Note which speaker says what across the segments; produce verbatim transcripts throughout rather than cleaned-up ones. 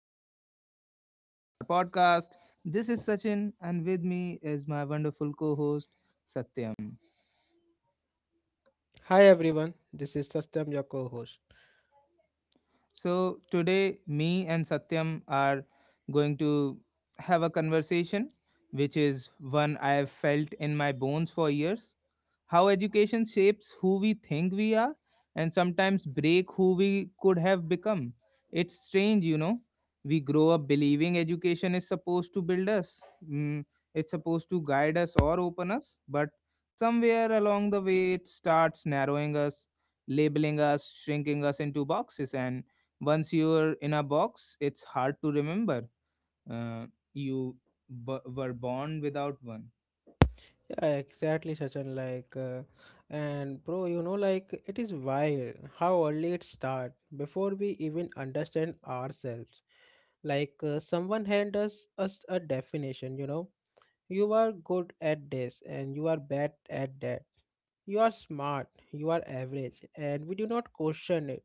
Speaker 1: another episode of our podcast. This is Sachin, and with me is my wonderful co host, Satyam.
Speaker 2: Hi everyone, this is Satyam, your co-host.
Speaker 1: So, today, me and Satyam are going to have a conversation, which is one I have felt in my bones for years. How education shapes who we think we are and sometimes break who we could have become. It's strange, you know. We grow up believing education is supposed to build us, mm, it's supposed to guide us or open us, but somewhere along the way it starts narrowing us, labeling us, shrinking us into boxes. And once you're in a box, it's hard to remember. Uh, you b- were born without one.
Speaker 2: Yeah, exactly, Sachin. Like, uh, and bro, you know, like it is wild how early it start before we even understand ourselves. Like, uh, someone hand us us a definition. You know, you are good at this, and you are bad at that. You are smart, you are average, and we do not question it,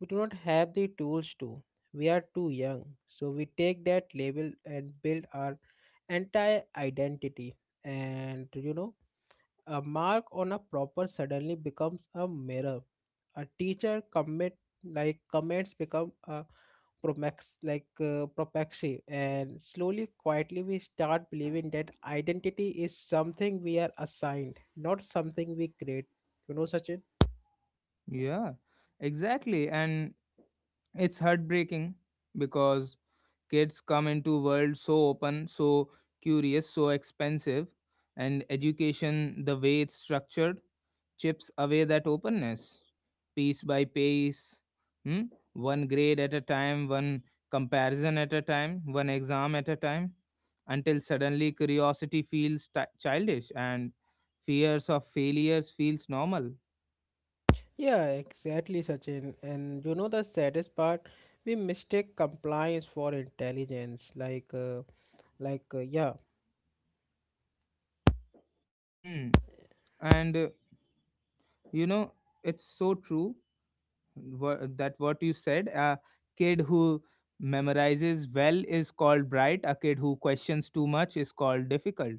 Speaker 2: we do not have the tools to. We are too young. So we take that label and build our entire identity. And you know, a mark on a proper suddenly becomes a mirror. A teacher commit, like comments become a promax, like uh, propaxy, and slowly, quietly, we start believing that identity is something we are assigned, not something we create, you know such
Speaker 1: Yeah, exactly. And it's heartbreaking because kids come into world so open, so curious, so expensive, and education, the way it's structured, chips away that openness piece by piece. Hmm? One grade at a time, one comparison at a time, one exam at a time, until suddenly curiosity feels ti childish and fears of failures feels normal.
Speaker 2: Yeah, exactly, Sachin. And you know the saddest part, we mistake compliance for intelligence. Like, uh, like, uh, yeah,
Speaker 1: Hmm and uh, you know, it's so true wha- that what you said. A kid who memorizes well is called bright, a kid who questions too much is called difficult.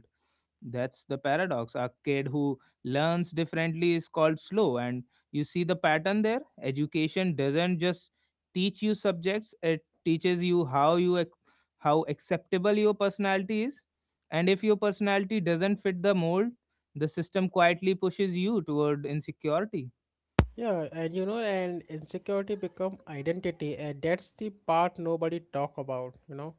Speaker 1: That's the paradox. A kid who learns differently is called slow, and you see the pattern there. Education doesn't just teach you subjects, it teaches you how you ac- how acceptable your personality is, and if your personality doesn't fit the mold, the system quietly pushes you toward insecurity.
Speaker 2: yeah. And you know, and insecurity become identity, and that's the part nobody talk about. You know.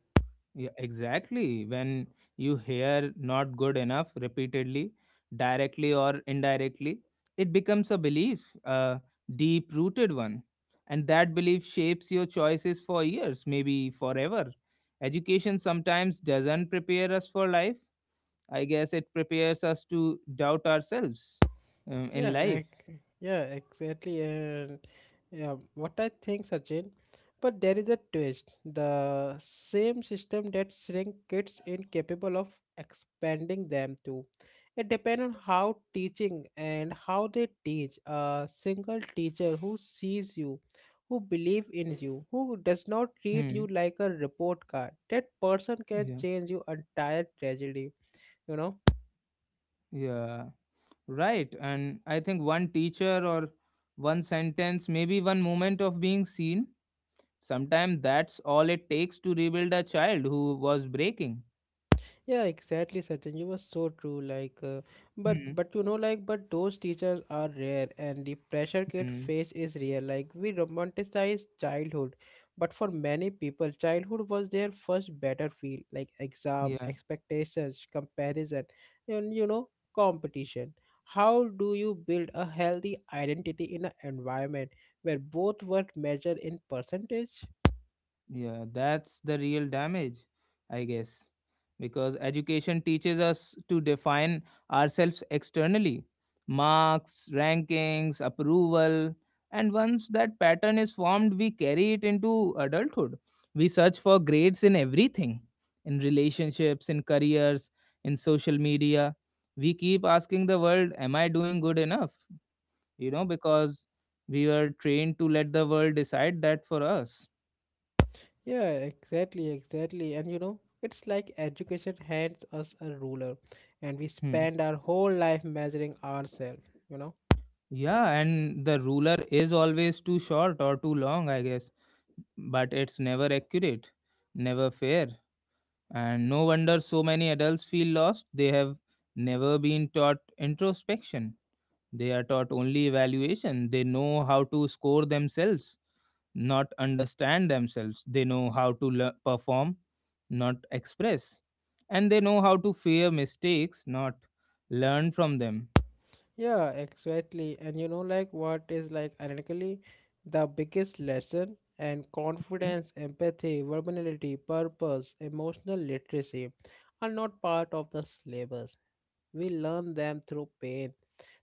Speaker 1: Yeah, exactly. When you hear not good enough repeatedly, directly or indirectly, it becomes a belief, a deep rooted one. And that belief shapes your choices for years, maybe forever. Education sometimes doesn't prepare us for life. I guess it prepares us to doubt ourselves um, in
Speaker 2: Yeah,
Speaker 1: life.
Speaker 2: ex- yeah, exactly. And yeah, what I think, Sachin, but there is a twist. The same system that shrink kids incapable of expanding them too. It depends on how teaching and how they teach. A single teacher who sees you, who believe in you, who does not treat you
Speaker 1: Hmm.
Speaker 2: like a report card, that person can
Speaker 1: Yeah.
Speaker 2: change your entire tragedy, you know?
Speaker 1: Yeah. Right. And I think one teacher or one sentence, maybe one moment of being seen. Sometimes that's all it takes to rebuild a child who was breaking.
Speaker 2: Yeah, exactly, Sachin. You were so true. Like, uh, but but you know, like, but those teachers are rare, and the pressure kid
Speaker 1: Mm-hmm.
Speaker 2: face is real. Like, we romanticize childhood, but for many people, childhood was their first battlefield. Like exam,
Speaker 1: Yeah.
Speaker 2: expectations, comparison, and you know, competition. How do you build a healthy identity in an environment where both were measured in percentage?
Speaker 1: Yeah, that's the real damage, I guess. Because education teaches us to define ourselves externally: marks, rankings, approval. And once that pattern is formed, we carry it into adulthood. We search for grades in everything, in relationships, in careers, in social media. We keep asking the world, am I doing good enough? You know, because we were trained to let the world decide that for us.
Speaker 2: Yeah, exactly, exactly. And you know, it's like education hands us a ruler and we
Speaker 1: Hmm.
Speaker 2: spend our whole life measuring ourselves, you know?
Speaker 1: Yeah, and the ruler is always too short or too long, I guess. But it's never accurate, never fair. And no wonder so many adults feel lost. They have never been taught introspection. They are taught only evaluation. They know how to score themselves, not understand themselves. They know how to le- perform, not express. And they know how to fear mistakes, not learn from them.
Speaker 2: Yeah, exactly. And you know, like what is like ironically the biggest lesson and
Speaker 1: Hmm?
Speaker 2: confidence, empathy, vulnerability, purpose, emotional literacy are not part of the syllabus. We learn them through pain,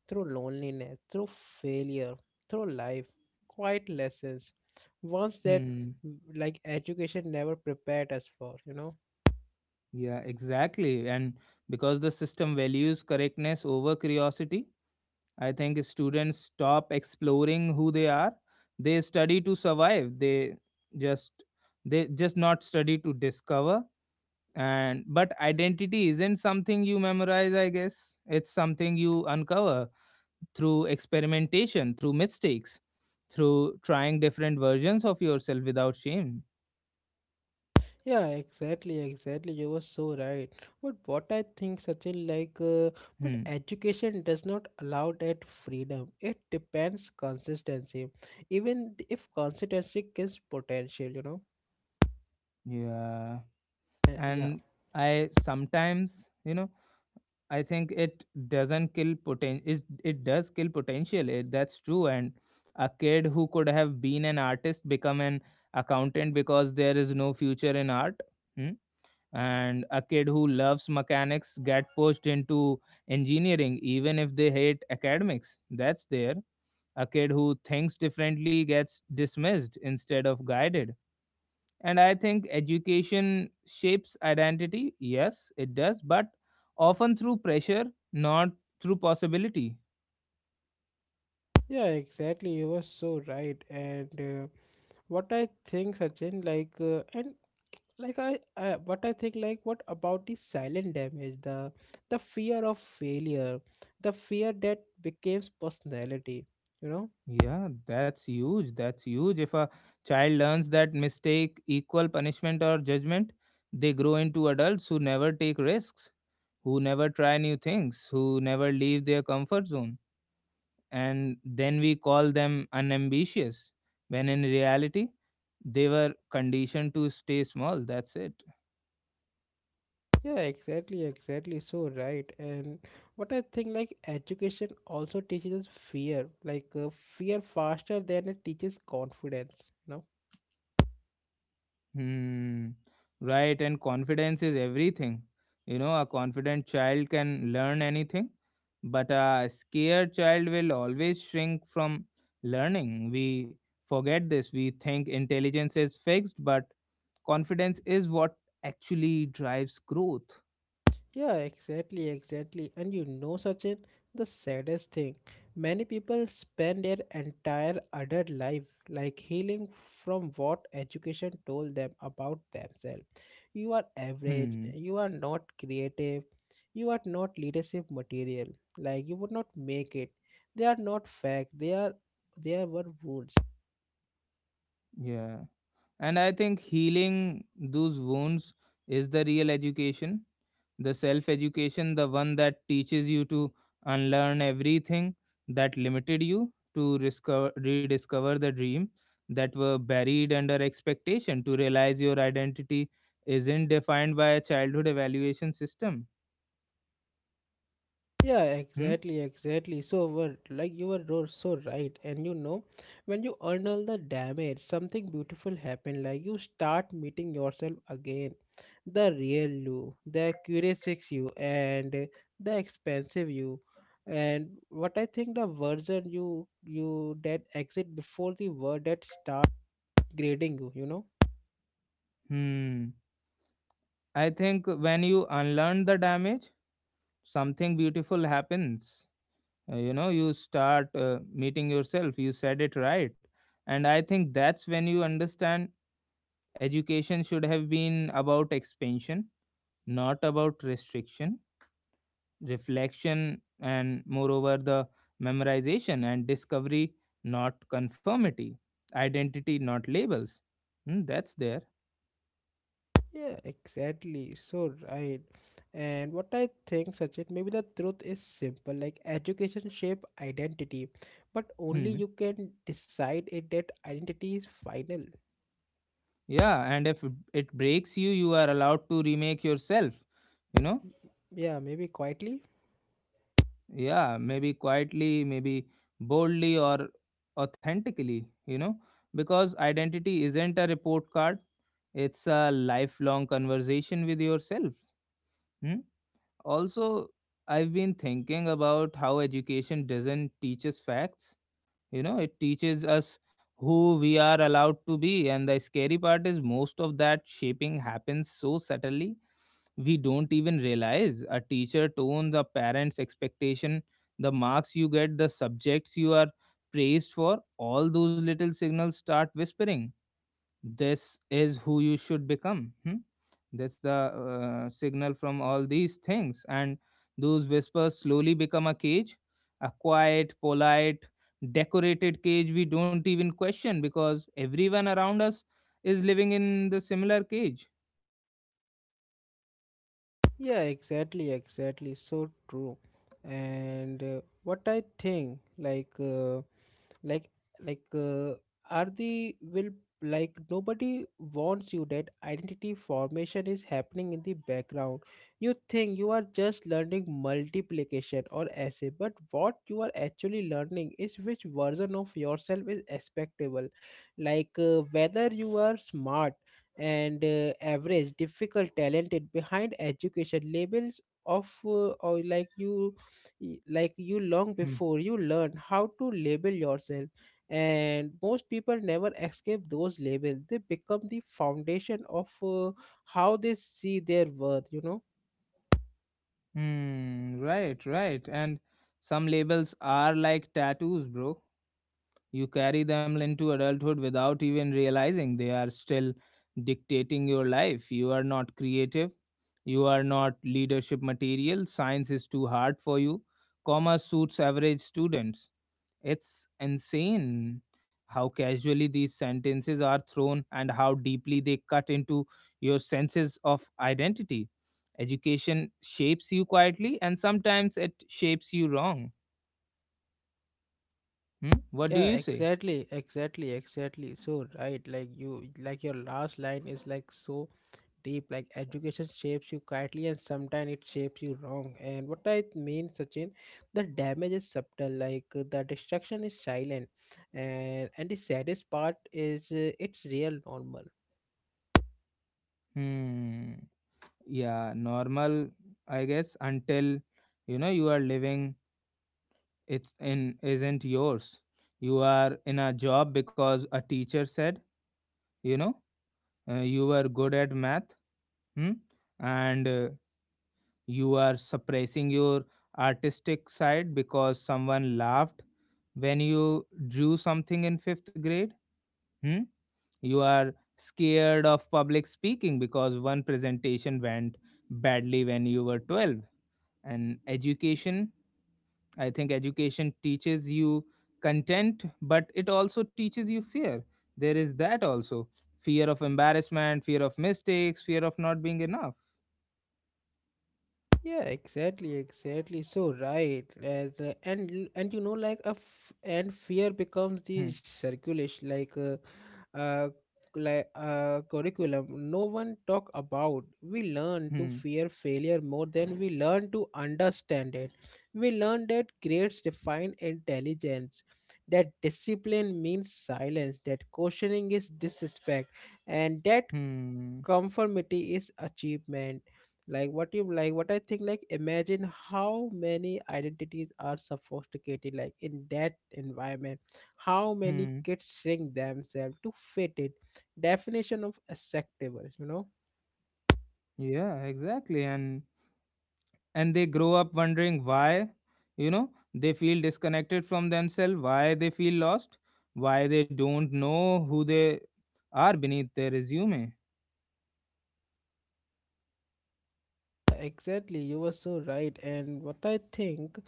Speaker 2: through loneliness, through failure, through life, quiet lessons. Once that,
Speaker 1: Hmm.
Speaker 2: mm, like education never prepared us for, you know.
Speaker 1: Yeah, exactly. And because the system values correctness over curiosity, I think students stop exploring who they are. They study to survive. They just they just not study to discover. And but identity isn't something you memorize, I guess. It's something you uncover through experimentation, through mistakes, through trying different versions of yourself without shame.
Speaker 2: Yeah, exactly, exactly. You were so right. But what I think, Sachin, like, uh, but
Speaker 1: Hmm.
Speaker 2: education does not allow that freedom. It depends consistency. Even if consistency gives potential, you know.
Speaker 1: Yeah.
Speaker 2: Uh, yeah,
Speaker 1: And i sometimes, you know, I think it doesn't kill poten it, it does kill potential it, That's true. And a kid who could have been an artist become an accountant because there is no future in art. Hmm? And a kid who loves mechanics get pushed into engineering even if they hate academics, that's there. A kid who thinks differently gets dismissed instead of guided. And I think education shapes identity. Yes, it does, but often through pressure, not through possibility.
Speaker 2: yeah, exactly. You were so right. And uh, what I think, Sachin, like, uh, and like I uh, what I think like what about the silent damage, the the fear of failure, the fear that becomes personality, you know.
Speaker 1: Yeah, that's huge. That's huge. If a child learns that mistake equal punishment or judgment, they grow into adults who never take risks, who never try new things, who never leave their comfort zone. And then we call them unambitious, when in reality, they were conditioned to stay small. That's it.
Speaker 2: Yeah, exactly, exactly, so right. And what I think like education also teaches us fear, like uh, fear faster than it teaches confidence, you know.
Speaker 1: Hmm. Right, and confidence is everything. You know, a confident child can learn anything, but a scared child will always shrink from learning. We forget this. We think intelligence is fixed, but confidence is what actually drives growth.
Speaker 2: Yeah, exactly, exactly. And you know, Sachin, the saddest thing, many people spend their entire adult life like healing from what education told them about themselves. You are average,
Speaker 1: Hmm.
Speaker 2: you are not creative, you are not leadership material, like you would not make it. They are not fact, they are they are were wounds.
Speaker 1: Yeah. And I think healing those wounds is the real education, the self education, the one that teaches you to unlearn everything that limited you, to discover, rediscover the dream that were buried under expectation, to realize your identity isn't defined by a childhood evaluation system.
Speaker 2: Yeah,
Speaker 1: Hmm?
Speaker 2: exactly, exactly. So, what, like you were ro- so right, and you know, when you unnul the damage, something beautiful happened. Like you start meeting yourself again, the real you, the curious you, and uh, the expensive you, and what I think the version you you that exit before the word that start grading you. You know.
Speaker 1: Hmm. I think when you unlearn the damage, something beautiful happens. Uh, you know, you start uh, meeting yourself, you said it right. And I think that's when you understand education should have been about expansion, not about restriction, reflection and moreover the memorization and discovery, not conformity, identity not labels. Hmm, that's there.
Speaker 2: Yeah, exactly. So right. And what I think, Sachin, maybe the truth is simple. Like education shape identity, but only
Speaker 1: Hmm.
Speaker 2: you can decide if that identity is final.
Speaker 1: Yeah, and if it breaks you, you are allowed to remake yourself, you know.
Speaker 2: Yeah, maybe quietly.
Speaker 1: Yeah, maybe quietly, maybe boldly or authentically, you know. Because identity isn't a report card, it's a lifelong conversation with yourself. Hmm? Also, I've been thinking about how education doesn't teach us facts. You know, it teaches us who we are allowed to be. And the scary part is most of that shaping happens so subtly we don't even realize. A teacher tone, the parents expectation, the marks you get, the subjects you are praised for, all those little signals start whispering this is who you should become. Hmm? That's the uh, signal from all these things. And those whispers slowly become a cage, a quiet, polite, decorated cage we don't even question because everyone around us is living in the similar cage.
Speaker 2: Yeah, exactly, exactly. So true. And uh, what I think, like. Uh, like like uh, are the will like nobody warns you that identity formation is happening in the background. You think you are just learning multiplication or essay, but what you are actually learning is which version of yourself is acceptable. Like uh, whether you are smart and uh, average, difficult, talented behind education labels of uh, or like you y- like you long
Speaker 1: Hmm.
Speaker 2: before you learn how to label yourself. And most people never escape those labels, they become the foundation of uh, how they see their worth, you know.
Speaker 1: Hmm, right, right. And some labels are like tattoos, bro. You carry them into adulthood without even realizing they are still dictating your life. You are not creative. You are not leadership material. Science is too hard for you. Commerce suits average students. It's insane how casually these sentences are thrown and how deeply they cut into your senses of identity. Education shapes you quietly and sometimes it shapes you wrong. Hmm? What do
Speaker 2: Yeah,
Speaker 1: you say?
Speaker 2: exactly, exactly, exactly. So right, like you, like your last line is like so deep, like education shapes you quietly and sometimes it shapes you wrong. And what I mean, Sachin, the damage is subtle, like uh, the destruction is silent, and and the saddest part is, uh, it's real normal.
Speaker 1: Hmm. Yeah, normal, I guess. Until, you know, you are living it's in isn't yours. You are in a job because a teacher said, you know, uh, you were good at math. Hmm? and uh, you are suppressing your artistic side because someone laughed when you drew something in fifth grade. Hmm? You are scared of public speaking because one presentation went badly when you were twelve. And education, I think education teaches you content, but it also teaches you fear. There is that also. Fear of embarrassment, fear of mistakes, fear of not being enough.
Speaker 2: Yeah, exactly, exactly. So right, as uh, and and you know, like a f- and fear becomes the
Speaker 1: Hmm.
Speaker 2: circulation, like uh, uh, like uh, curriculum. No one talk about. We learn to
Speaker 1: Hmm.
Speaker 2: fear failure more than we learn to understand it. We learn that grades define intelligence, that discipline means silence, that questioning is disrespect, and that
Speaker 1: Hmm.
Speaker 2: conformity is achievement. Like what you like what I think, like imagine how many identities are sophisticated like in that environment, how many
Speaker 1: Hmm.
Speaker 2: kids shrink themselves to fit it, definition of acceptable, you know.
Speaker 1: Yeah, exactly. and and they grow up wondering why, you know, they feel disconnected from themselves, why they feel lost, why they don't know who they are beneath their resume.
Speaker 2: Exactly, you were so right. And what I think,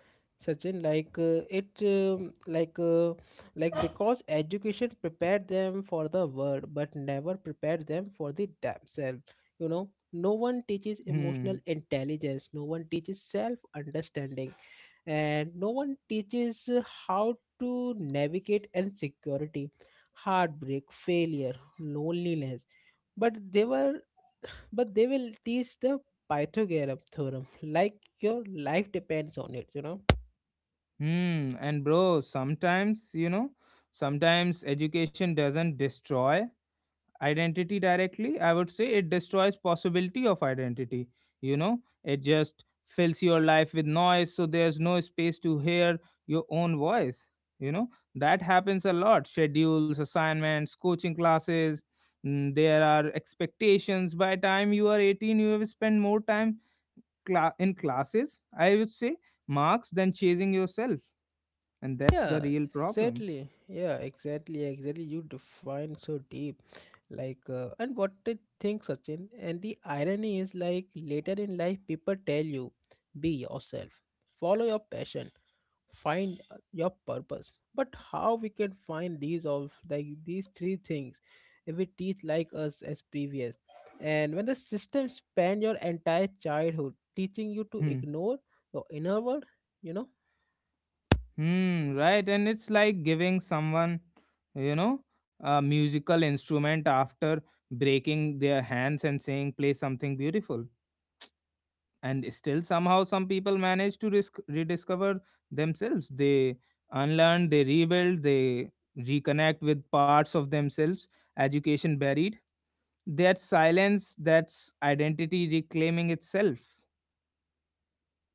Speaker 2: Sachin, like uh, it, um, like uh, like because education prepared them for the world, but never prepared them for the themselves. You know, no one teaches emotional
Speaker 1: Hmm.
Speaker 2: intelligence. No one teaches self-understanding, and no one teaches uh, how to navigate insecurity, heartbreak, failure, loneliness. But they were but they will teach the pythagorean theorem like your life depends on it, you know.
Speaker 1: Hmm. And bro, sometimes, you know, sometimes education doesn't destroy identity directly. I would say it destroys possibility of identity. You know, it just fills your life with noise, so there's no space to hear your own voice. You know, that happens a lot. Schedules, assignments, coaching classes. mm, There are expectations. By time you are eighteen, you have spent more time cla- in classes, I would say, marks than chasing yourself, and that's the
Speaker 2: Yeah,
Speaker 1: real problem.
Speaker 2: exactly. Yeah, exactly, exactly. You define so deep. Like, uh, and what I think, Sachin, and the irony is, like later in life, people tell you, be yourself, follow your passion, find uh, your purpose. But how we can find these of like these three things, if we teach like us as previous, and when the system spend your entire childhood teaching you to
Speaker 1: Hmm.
Speaker 2: ignore your inner world, you know.
Speaker 1: Hmm, right. And it's like giving someone, you know, a musical instrument after breaking their hands and saying play something beautiful. And still somehow some people manage to risk, rediscover themselves. They unlearn, they rebuild, they reconnect with parts of themselves education buried. That silence, that's identity reclaiming itself.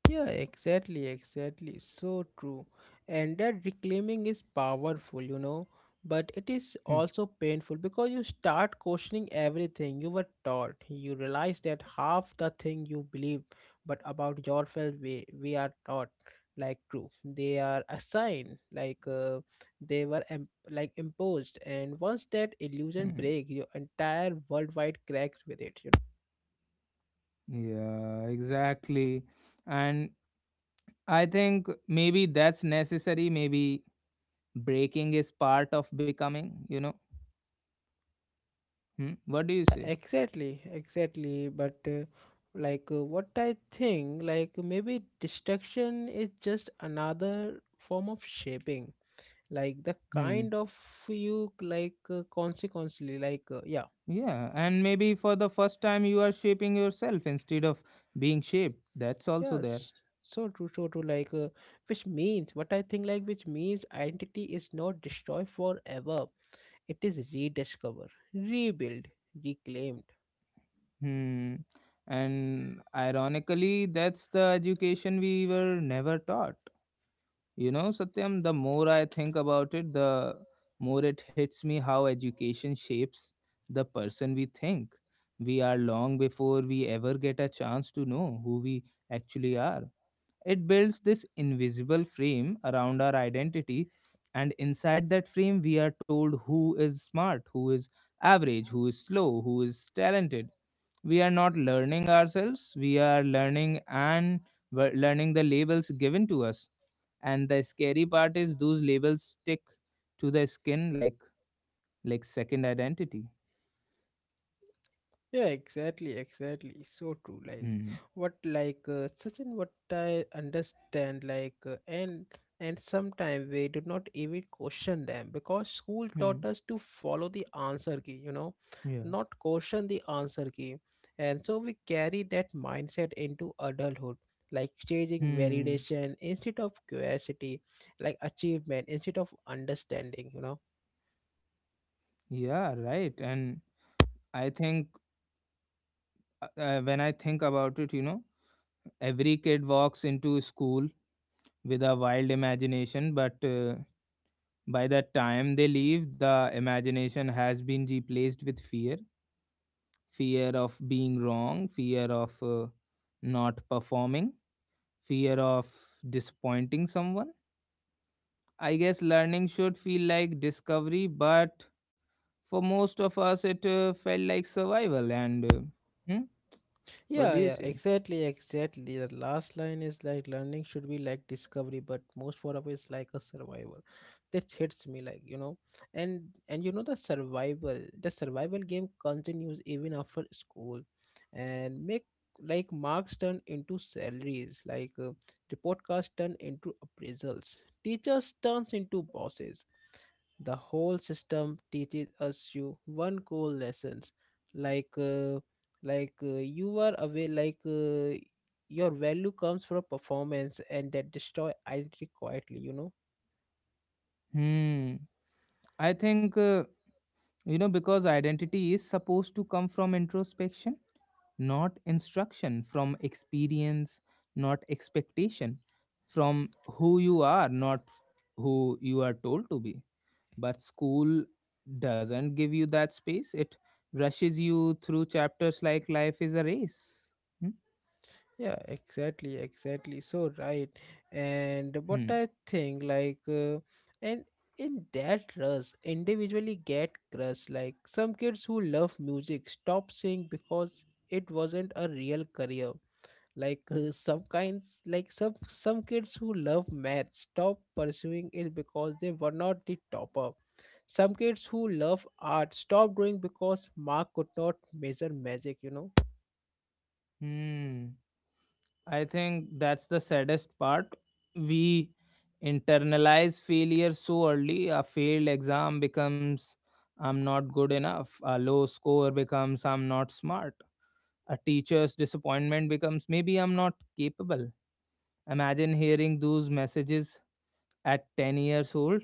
Speaker 2: Yeah, exactly, exactly. So true. And that reclaiming is powerful, you know, but it is
Speaker 1: Hmm,
Speaker 2: also painful because you start questioning everything you were taught. You realize that half the thing you believe but about yourself we, we are taught like true. They are assigned, like uh, they were em- like imposed. And once that illusion
Speaker 1: hmm.
Speaker 2: breaks, your entire worldwide cracks with it.
Speaker 1: Yeah, exactly. And I think maybe that's necessary. Maybe breaking is part of becoming, you know. Hmm? What do you say?
Speaker 2: Exactly, exactly. But uh, like uh, what I think, like maybe destruction is just another form of shaping. Like the
Speaker 1: Hmm.
Speaker 2: kind of you like uh, consequently, like uh, Yeah,
Speaker 1: Yeah, and maybe for the first time you are shaping yourself instead of being shaped. That's also there.
Speaker 2: yes, so true, so true. Like uh, which means what I think, like which means identity is not destroyed forever. It is rediscovered, rebuilt, reclaimed.
Speaker 1: Hmm. And ironically, that's the education we were never taught. You know, Satyam, the more I think about it, the more it hits me how education shapes the person we think we are long before we ever get a chance to know who we actually are. It builds this invisible frame around our identity, and inside that frame, we are told who is smart, who is average, who is slow, who is talented. We are not learning ourselves, we are learning, and we're learning the labels given to us. And the scary part is those labels stick to the skin like like second identity.
Speaker 2: Yeah, exactly, exactly. So true. Like
Speaker 1: Hmm.
Speaker 2: what, like uh, Sachin, what I understand, like uh, and and sometimes we do not even question them because school
Speaker 1: Hmm.
Speaker 2: taught us to follow the answer key. You know,
Speaker 1: Yeah.
Speaker 2: not question the answer key, and so we carry that mindset into adulthood. Like changing
Speaker 1: Hmm.
Speaker 2: validation instead of curiosity, like achievement instead of understanding. You know.
Speaker 1: Yeah, right. And I think, uh, uh, when I think about it, you know, every kid walks into school with a wild imagination, but uh, by the time they leave the imagination has been replaced with fear. Fear of being wrong, fear of uh, not performing, fear of disappointing someone. I guess learning should feel like discovery, but for most of us, it uh, felt like survival. And uh, Hmm? What
Speaker 2: Yeah,
Speaker 1: do you
Speaker 2: yeah,
Speaker 1: say?
Speaker 2: exactly, exactly. The last line is like learning should be like discovery, but most for us is like a survival. That hits me, like, you know. And and you know the survival, the survival game continues even after school, and make like marks turn into salaries, like uh, report cards turn into appraisals, teachers turns into bosses. The whole system teaches us you one core lessons, like uh, like uh, you are away like uh, your value comes from performance, and that destroy identity quietly, you know.
Speaker 1: Hmm. I think, uh, you know, because identity is supposed to come from introspection, not instruction, from experience, not expectation, from who you are, not who you are told to be. But school doesn't give you that space, it rushes you through chapters like life is a race. Hmm?
Speaker 2: Yeah, exactly, exactly, so right. And what
Speaker 1: Hmm.
Speaker 2: I think like uh, and in that rush individually get crushed. Like some kids who love music stop singing because it wasn't a real career, like uh, some kinds like some some kids who love math stop pursuing it because they were not the topper, some kids who love art stop doing because mark could not measure magic, you know.
Speaker 1: Hmm. I think that's the saddest part. We internalize failure so early, a failed exam becomes I'm not good enough, a low score becomes I'm not smart, a teacher's disappointment becomes maybe I'm not capable. Imagine hearing those messages at ten years old,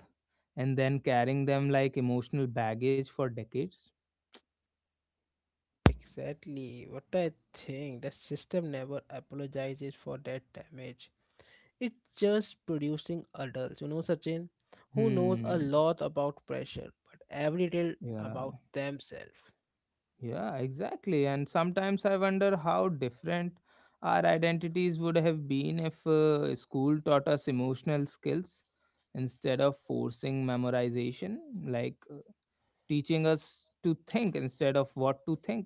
Speaker 1: and then carrying them like emotional baggage for decades.
Speaker 2: Exactly. What I think, the system never apologizes for that damage, it's just producing adults, you know, Sachin, who knows a
Speaker 1: Hmm.
Speaker 2: lot about pressure but every little
Speaker 1: Yeah.
Speaker 2: about themselves.
Speaker 1: Yeah, exactly. And sometimes I wonder how different our identities would have been if uh, school taught us emotional skills instead of forcing memorization, like uh, teaching us to think instead of what to think,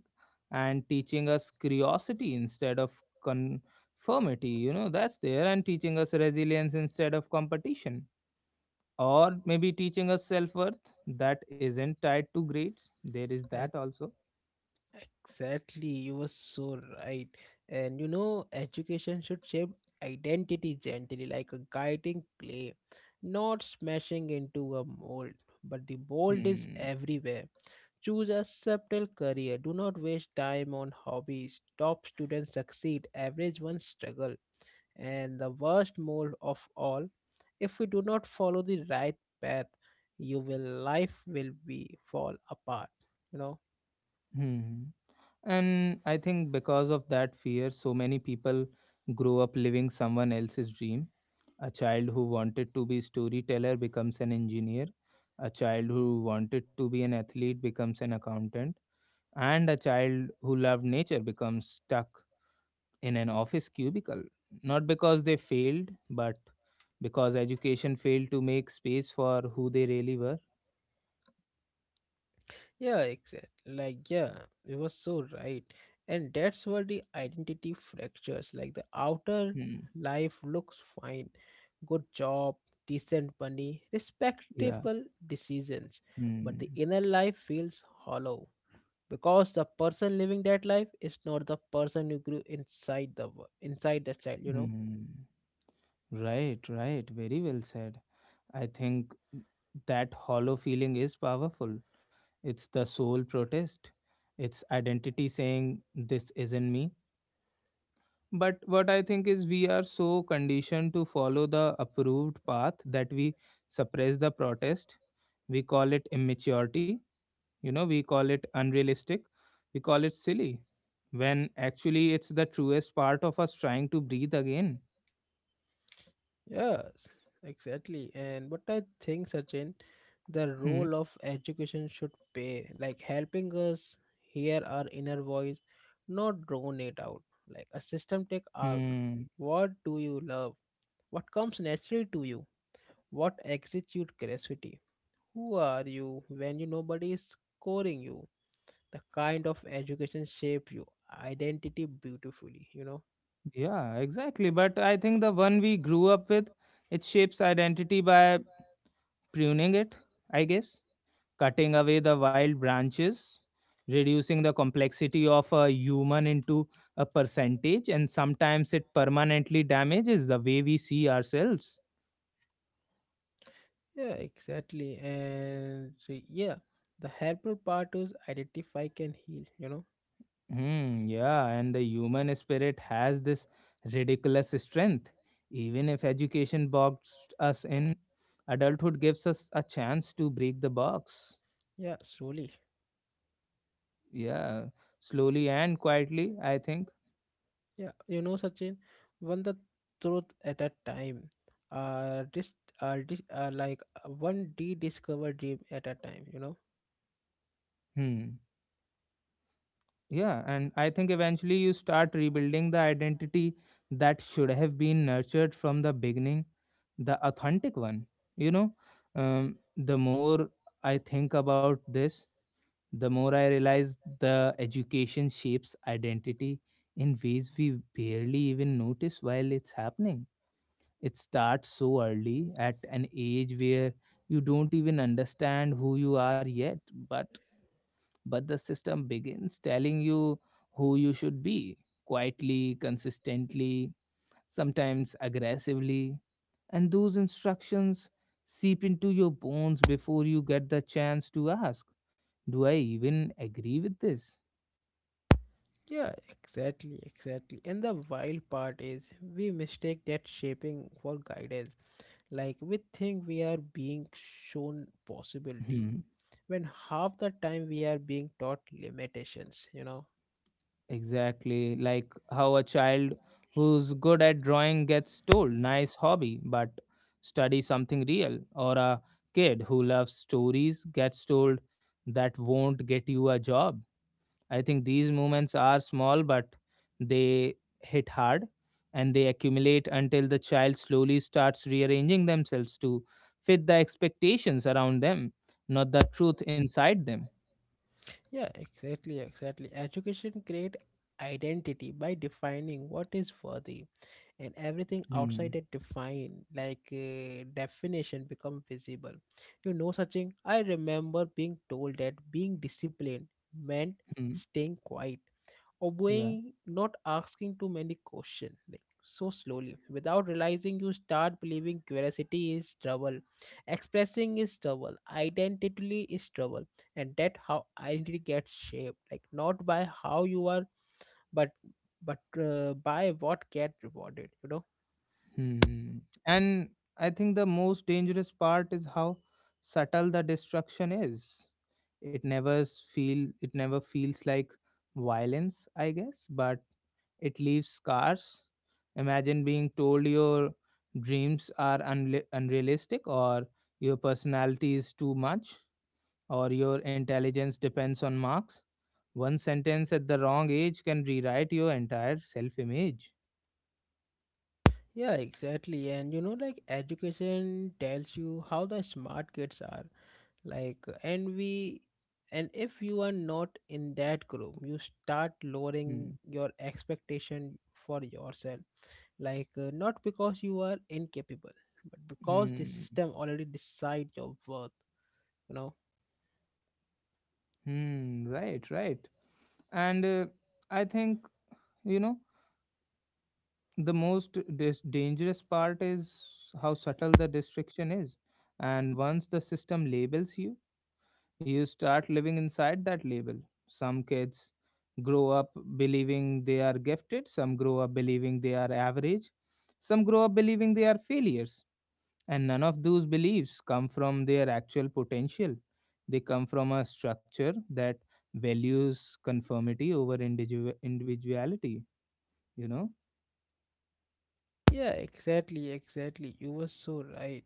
Speaker 1: and teaching us curiosity instead of conformity. You know, that's there, and teaching us resilience instead of competition, or maybe teaching us self worth that isn't tied to grades. There is that also.
Speaker 2: Exactly, you were so right. And you know, education should shape identity gently, like a guiding clay, not smashing into a mold. But the mold is
Speaker 1: Hmm.
Speaker 2: everywhere. Choose a subtle career. Do not waste time on hobbies. Top students succeed, average ones struggle. And the worst mold of all, if we do not follow the right path, you will life will be fall apart. You know.
Speaker 1: Hmm. And I think because of that fear, so many people grow up living someone else's dream. A child who wanted to be storyteller becomes an engineer. A child who wanted to be an athlete becomes an accountant. And a child who loved nature becomes stuck in an office cubicle, not because they failed, but because education failed to make space for who they really were.
Speaker 2: Yeah, exactly. Like, yeah, you were so right. And that's where the identity fractures. Like, the outer
Speaker 1: Hmm.
Speaker 2: life looks fine. Good job, decent money,
Speaker 1: Yeah.
Speaker 2: respectable decisions. But
Speaker 1: Hmm.
Speaker 2: the inner life feels hollow because the person living that life is not the person you grew inside the wo- inside the child, you know.
Speaker 1: Hmm. Right, right. Very well said. I think that hollow feeling is powerful. It's the soul protest, it's identity saying, this isn't me. But what I think is we are so conditioned to follow the approved path that we suppress the protest. We call it immaturity, you know, we call it unrealistic, we call it silly, when actually it's the truest part of us trying to breathe again.
Speaker 2: Yes, exactly. And what I think, Sachin, the
Speaker 1: Hmm.
Speaker 2: role of education should play, like helping us hear our inner voice, not drown it out. Like a system take arc.
Speaker 1: Hmm.
Speaker 2: What do you love? What comes naturally to you? What excites your curiosity? Who are you when you nobody is scoring you? The kind of education shape you identity beautifully, you know.
Speaker 1: Yeah, exactly. But I think the one we grew up with, it shapes identity by pruning it, I guess, cutting away the wild branches, reducing the complexity of a human into a percentage, and sometimes it permanently damages the way we see ourselves.
Speaker 2: Yeah, exactly. And so, yeah, the helpful part is identify can heal, you know.
Speaker 1: Hmm, yeah, and the human spirit has this ridiculous strength. Even if education boxed us in, adulthood gives us a chance to break the box.
Speaker 2: Yeah, slowly.
Speaker 1: Yeah, slowly and quietly, I think.
Speaker 2: Yeah, you know, Sachin, one the truth at a time. Uh, dis- uh, dis- uh like uh, One rediscovered dream at a time, you know.
Speaker 1: Hmm. Yeah, and I think eventually you start rebuilding the identity that should have been nurtured from the beginning, the authentic one. You know, um, the more I think about this, the more I realize the education shapes identity in ways we barely even notice while it's happening. It starts so early at an age where you don't even understand who you are yet, but but the system begins telling you who you should be quietly, consistently, sometimes aggressively. And those instructions seep into your bones before you get the chance to ask, do I even agree with this?
Speaker 2: Yeah, exactly, exactly. And the wild part is we mistake that shaping for guidance. Like we think we are being shown possibilities
Speaker 1: Hmm.
Speaker 2: when half the time we are being taught limitations, you know
Speaker 1: Exactly. Like how a child who's good at drawing gets told, nice hobby, but study something real. Or a kid who loves stories gets told, that won't get you a job. I think these movements are small, but they hit hard, and they accumulate until the child slowly starts rearranging themselves to fit the expectations around them, not the truth inside them.
Speaker 2: yeah exactly, exactly. Education create identity by defining what is worthy, and everything
Speaker 1: Hmm.
Speaker 2: outside that define like uh, definition become visible, you know. Such thing, I remember being told that being disciplined meant
Speaker 1: Hmm.
Speaker 2: staying quiet,
Speaker 1: Yeah.
Speaker 2: obeying, not asking too many questions. Like, so slowly, without realizing, you start believing curiosity is trouble, expressing is trouble, identity is trouble. And that how identity gets shaped, like not by how you are, but but uh, by what get rewarded, you know.
Speaker 1: Hmm. And I think the most dangerous part is how subtle the destruction is. It never s- feel it never feels like violence, I guess, but it leaves scars. Imagine being told your dreams are unli unrealistic, or your personality is too much, or your intelligence depends on marks. One sentence at the wrong age can rewrite your entire self image.
Speaker 2: Yeah, exactly. And you know, like education tells you how the smart kids are, like, and we, and if you are not in that group, you start lowering
Speaker 1: Hmm.
Speaker 2: your expectation for yourself, like uh, not because you are incapable, but because the
Speaker 1: Hmm.
Speaker 2: system already decide your worth, you know.
Speaker 1: Hmm. Right, right. And uh, I think, you know, the most dis- dangerous part is how subtle the restriction is. And once the system labels you, you start living inside that label. Some kids grow up believing they are gifted, some grow up believing they are average, some grow up believing they are failures. And none of those beliefs come from their actual potential. They come from a structure that values conformity over individu- individuality, you know?
Speaker 2: Yeah, exactly, exactly. You were so right.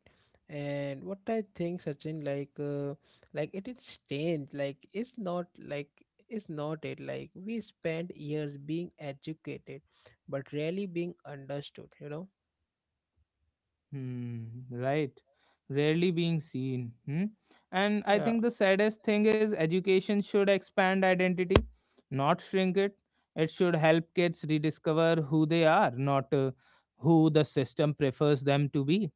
Speaker 2: And what I think, Sachin, like, uh, like it is strange. Like, it's not like it's not it. Like, we spend years being educated, but rarely being understood. You know?
Speaker 1: Hmm, right. Rarely being seen. Hmm? And I
Speaker 2: Yeah.
Speaker 1: think the saddest thing is education should expand identity, not shrink it. It should help kids rediscover who they are, not uh, who the system prefers them to be.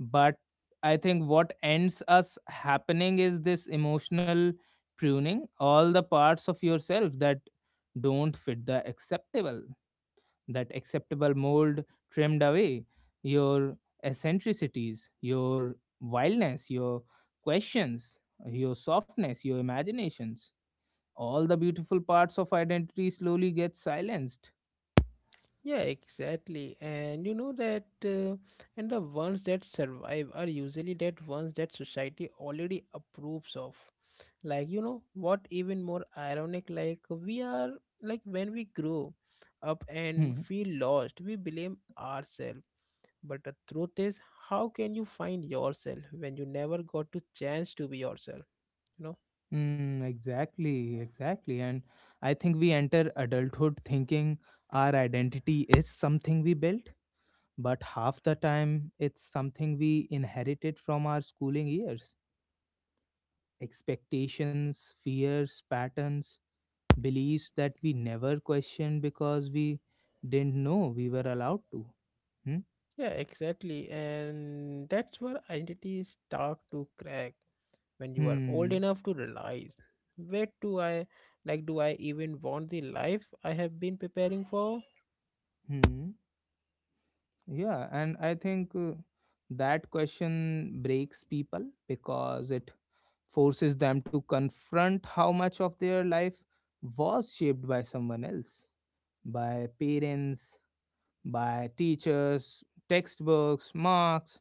Speaker 1: But I think what ends us happening is this emotional pruning, all the parts of yourself that don't fit the acceptable that acceptable mold trimmed away, your eccentricities, your wildness, your questions, your softness, your imaginations. All the beautiful parts of identity slowly get silenced.
Speaker 2: Yeah, exactly. And you know that, uh, and the ones that survive are usually that ones that society already approves of. Like, you know, what even more ironic, like, we are, like, when we grow up and
Speaker 1: Hmm.
Speaker 2: feel lost, we blame ourselves. But the truth is, how can you find yourself when you never got to chance to be yourself? You know?
Speaker 1: Hmm, exactly, exactly. And I think we enter adulthood thinking our identity is something we built, but half the time it's something we inherited from our schooling years: expectations, fears, patterns, beliefs that we never questioned because we didn't know we were allowed to. Hmm.
Speaker 2: Yeah, exactly. And that's where identity start to crack when you are old
Speaker 1: Hmm.
Speaker 2: enough to realize, where do I, like, do I even want the life I have been preparing for?
Speaker 1: Hmm. Yeah, and I think uh, that question breaks people because it forces them to confront how much of their life was shaped by someone else, by parents, by teachers, textbooks, marks,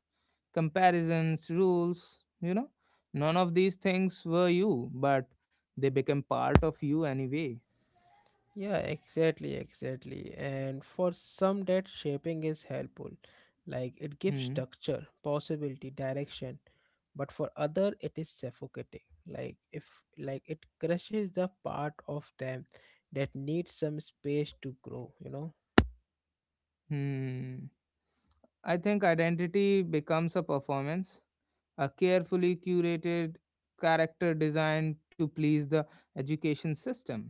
Speaker 1: comparisons, rules, you know. None of these things were you, but they became part of you anyway.
Speaker 2: Yeah, exactly, exactly. And for some, that shaping is helpful. Like, it gives
Speaker 1: Hmm.
Speaker 2: structure, possibility, direction. But for other it is suffocating. Like if, like, it crushes the part of them that needs some space to grow, you know?
Speaker 1: Hmm. I think identity becomes a performance, a carefully curated character designed to please the education system.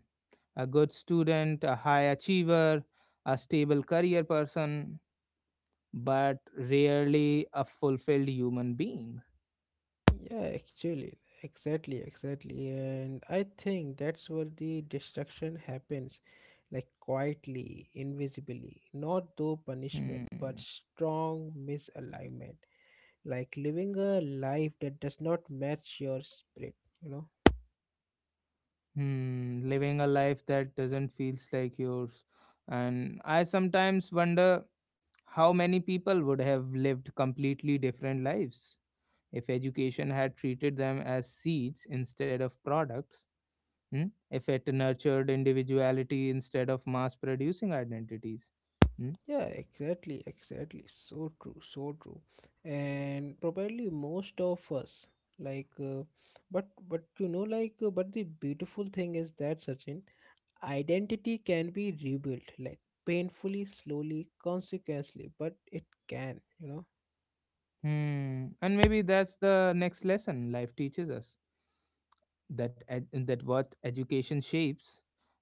Speaker 1: A good student, a high achiever, a stable career person, but rarely a fulfilled human being.
Speaker 2: Yeah, actually, exactly, exactly. And I think that's where the destruction happens, like quietly, invisibly, not through punishment, but
Speaker 1: Hmm.
Speaker 2: strong misalignment, like living a life that does not match your spirit, you know?
Speaker 1: Hmm, living a life that doesn't feels like yours. And I sometimes wonder how many people would have lived completely different lives if education had treated them as seeds instead of products. Hmm? If it nurtured individuality instead of mass producing identities. Hmm?
Speaker 2: Yeah, exactly, exactly. So true, so true. And probably most of us, like, uh, but, but you know, like, uh, but the beautiful thing is that, Sachin, identity can be rebuilt, like painfully, slowly, consequently, but it can, you know.
Speaker 1: Hmm. And maybe that's the next lesson life teaches us, that ed- that what education shapes,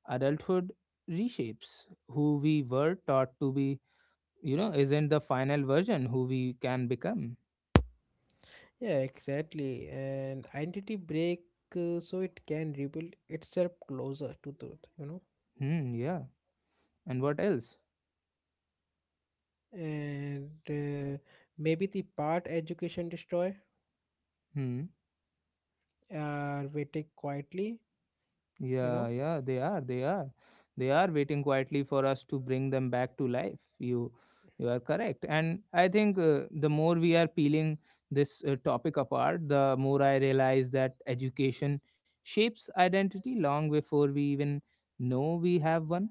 Speaker 1: adulthood reshapes. Who we were taught to be, you know, isn't the final version, who we can become.
Speaker 2: Yeah, exactly. And identity break, uh, so it can rebuild itself closer to truth, you know.
Speaker 1: Hmm, yeah. And what else?
Speaker 2: And uh, maybe the part education destroy
Speaker 1: Hmm.
Speaker 2: are waiting quietly, you
Speaker 1: Yeah,
Speaker 2: know.
Speaker 1: yeah, they are, they are, they are waiting quietly for us to bring them back to life. You, you are correct, and I think uh, the more we are peeling this uh, topic apart, the more I realize that education shapes identity long before we even know we have one.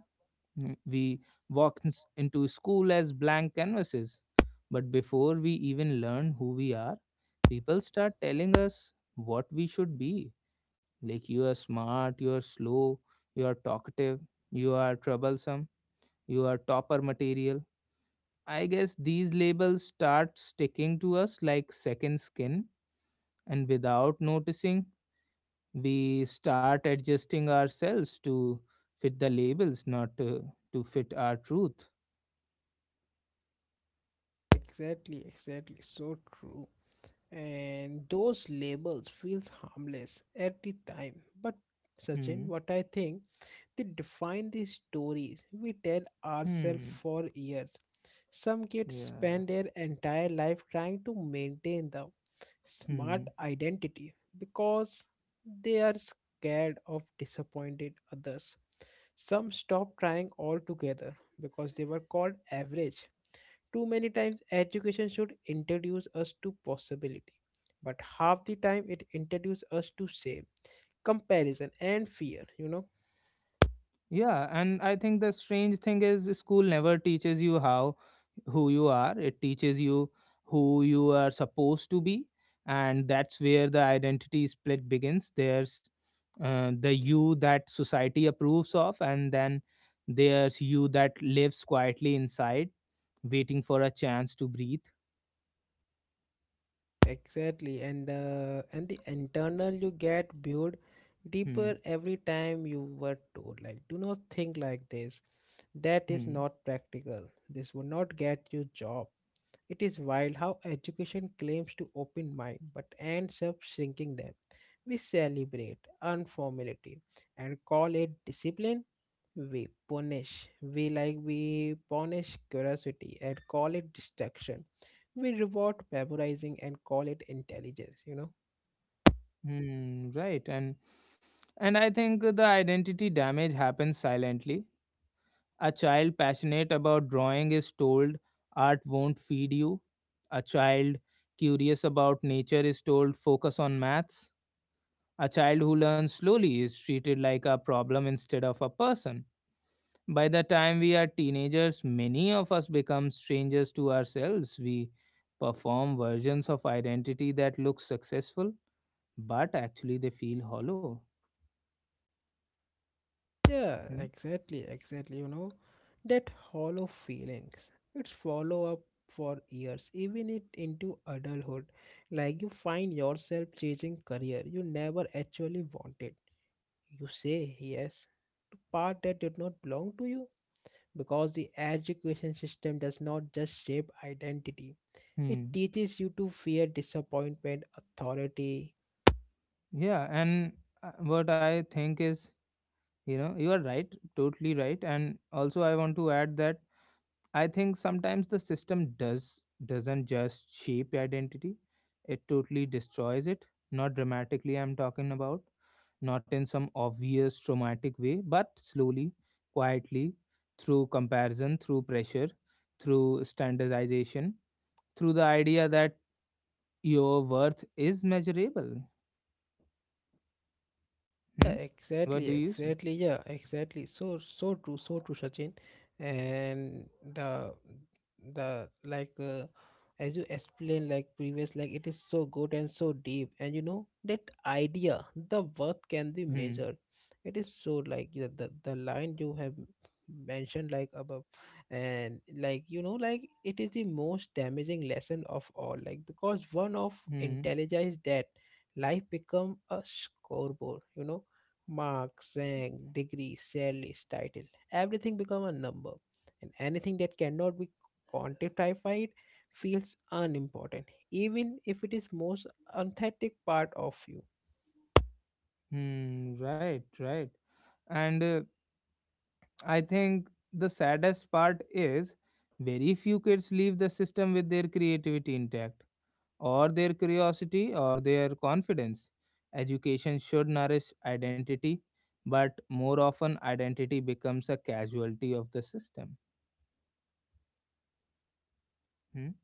Speaker 1: Mm. We walk ins- into school as blank canvases, but before we even learn who we are, people start telling us what we should be. Like, you are smart, you are slow, you are talkative, you are troublesome, you are topper material. I guess these labels start sticking to us like second skin, and without noticing, we start adjusting ourselves to fit the labels, not to, to fit our truth.
Speaker 2: Exactly, exactly, so true. And those labels feels harmless at the time, but
Speaker 1: Hmm.
Speaker 2: Sachin, what I think, they define the stories we tell ourselves
Speaker 1: Hmm.
Speaker 2: for years. Some kids
Speaker 1: Yeah.
Speaker 2: spend their entire life trying to maintain the smart
Speaker 1: Hmm.
Speaker 2: identity because they are scared of disappointed others. Some stop trying altogether because they were called average. Too many times, education should introduce us to possibility, but half the time it introduces us to shame, comparison, and fear. You know,
Speaker 1: Yeah, and I think the strange thing is school never teaches you how who you are. It teaches you who you are supposed to be, and that's where the identity split begins. There's uh, the you that society approves of, and then there's you that lives quietly inside, waiting for a chance to breathe.
Speaker 2: exactly. And uh, and the internal you get built
Speaker 1: Hmm.
Speaker 2: deeper every time you were told, like, do not think like this, that is
Speaker 1: Hmm.
Speaker 2: not practical, this will not get you job. It is wild how education claims to open mind but ends up shrinking them. We celebrate unformality and call it discipline. We punish. We, like, we punish curiosity and call it distraction. We reward memorizing and call it intelligence, you know.
Speaker 1: Hmm. Right, and and I think the identity damage happens silently. A child passionate about drawing is told art won't feed you. A child curious about nature is told focus on maths. A child who learns slowly is treated like a problem instead of a person. By the time we are teenagers, many of us become strangers to ourselves. We perform versions of identity that look successful, but actually they feel hollow.
Speaker 2: Yeah,
Speaker 1: Hmm.
Speaker 2: exactly, exactly. You know, that hollow feelings, it's follow up for years, even it into adulthood. Like, you find yourself chasing career you never actually wanted. You say yes to part that did not belong to you, because the education system does not just shape identity. It
Speaker 1: Hmm.
Speaker 2: teaches you to fear disappointment, authority.
Speaker 1: Yeah, and uh, what I think is, you know, you are right, totally right. And also I want to add that I think sometimes the system does doesn't just shape identity. It totally destroys it. Not dramatically I'm talking about, not in some obvious traumatic way, but slowly, quietly, through comparison, through pressure, through standardization, through the idea that your worth is measurable. Hmm?
Speaker 2: Yeah,
Speaker 1: What do
Speaker 2: exactly,
Speaker 1: you say?
Speaker 2: exactly. Yeah, exactly. So, so true, so true, Sachin. And the the like uh, as you explained, like previous, like it is so good and so deep. And you know that idea, the worth can be
Speaker 1: Hmm.
Speaker 2: measured. It is so, like, the the, the line you have mentioned, like, above, and like, you know, like, it is the most damaging lesson of all, like, because one of
Speaker 1: Hmm.
Speaker 2: intelligence is that life become a scoreboard, you know. Marks, rank, degree, salaries, title, everything become a number. And anything that cannot be quantified feels unimportant, even if it is most authentic part of you.
Speaker 1: Hmm, right, right. And uh, I think the saddest part is very few kids leave the system with their creativity intact, or their curiosity, or their confidence. Education should nourish identity, but more often, identity becomes a casualty of the system. Hmm,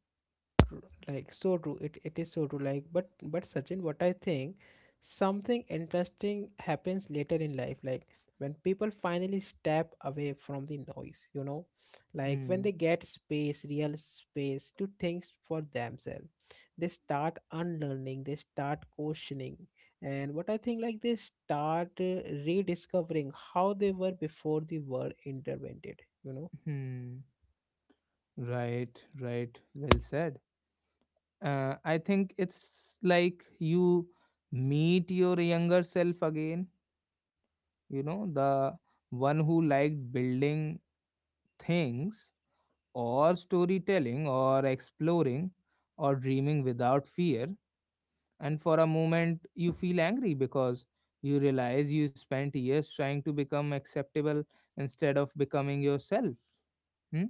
Speaker 2: True, like, so true. it, it is so true, like, but but Sachin, what I think, something interesting happens later in life, like, when people finally step away from the noise, you know, like when
Speaker 1: hmm,
Speaker 2: they get space, real space, to think for themselves, they start unlearning, they start questioning. And what I think, like, they start uh, rediscovering how they were before the world intervened, you know.
Speaker 1: hmm. Right, right. Well said. Uh, I think it's like you meet your younger self again, you know, the one who liked building things, or storytelling, or exploring, or dreaming without fear, and for a moment you feel angry because you realize you spent years trying to become acceptable instead of becoming yourself. Hmm?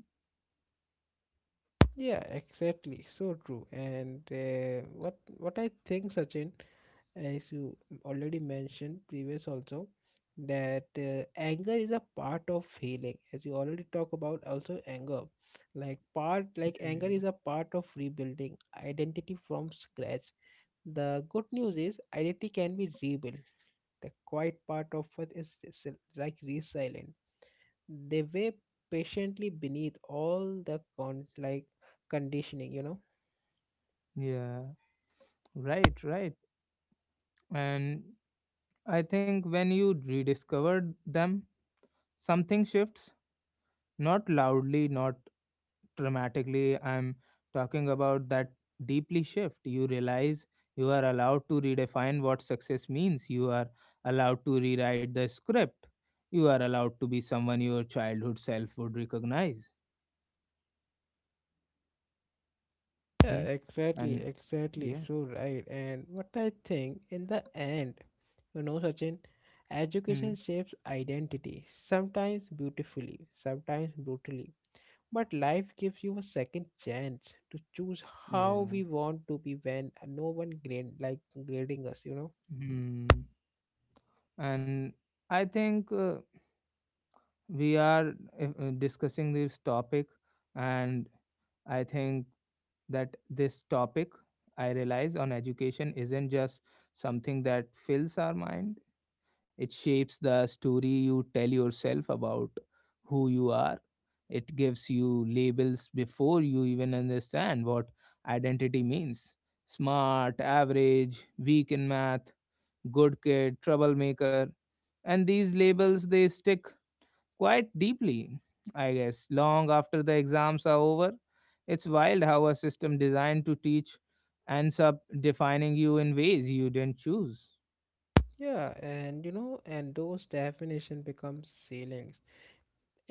Speaker 2: Yeah, exactly. So true. And uh, what what I think, Sachin, as you already mentioned previous also, that uh, anger is a part of healing. As you already talk about, also anger, like part like anger
Speaker 1: Mhm.
Speaker 2: is a part of rebuilding identity from scratch. The good news is identity can be rebuilt. The quiet part of it is res- like resilient. They wait patiently beneath all the con like conditioning, you know.
Speaker 1: Yeah, right, right, and I think when you rediscovered them, something shifts. Not loudly, not dramatically. I'm talking about that deeply shift. You realize you are allowed to redefine what success means. You are allowed to rewrite the script. You are allowed to be someone your childhood self would recognize.
Speaker 2: Yeah,
Speaker 1: Hmm?
Speaker 2: exactly,
Speaker 1: And
Speaker 2: exactly.
Speaker 1: yeah,
Speaker 2: So right. And what I think in the end, you know, Sachin,
Speaker 1: hmm,
Speaker 2: education shapes identity, sometimes beautifully, sometimes brutally. But life gives you a second chance to choose how
Speaker 1: yeah,
Speaker 2: we want to be when no one grade, like grading us, you know.
Speaker 1: hmm. And I think uh, we are uh, uh, discussing this topic, and I think that this topic I realize on education isn't just something that fills our mind, it shapes the story you tell yourself about who you are. It gives you labels before you even understand what identity means: smart, average, weak in math, good kid, troublemaker. And these labels, they stick quite deeply, I guess, long after the exams are over. It's wild how a system designed to teach ends up defining you in ways you didn't choose.
Speaker 2: Yeah, and you know, and those definition become ceilings,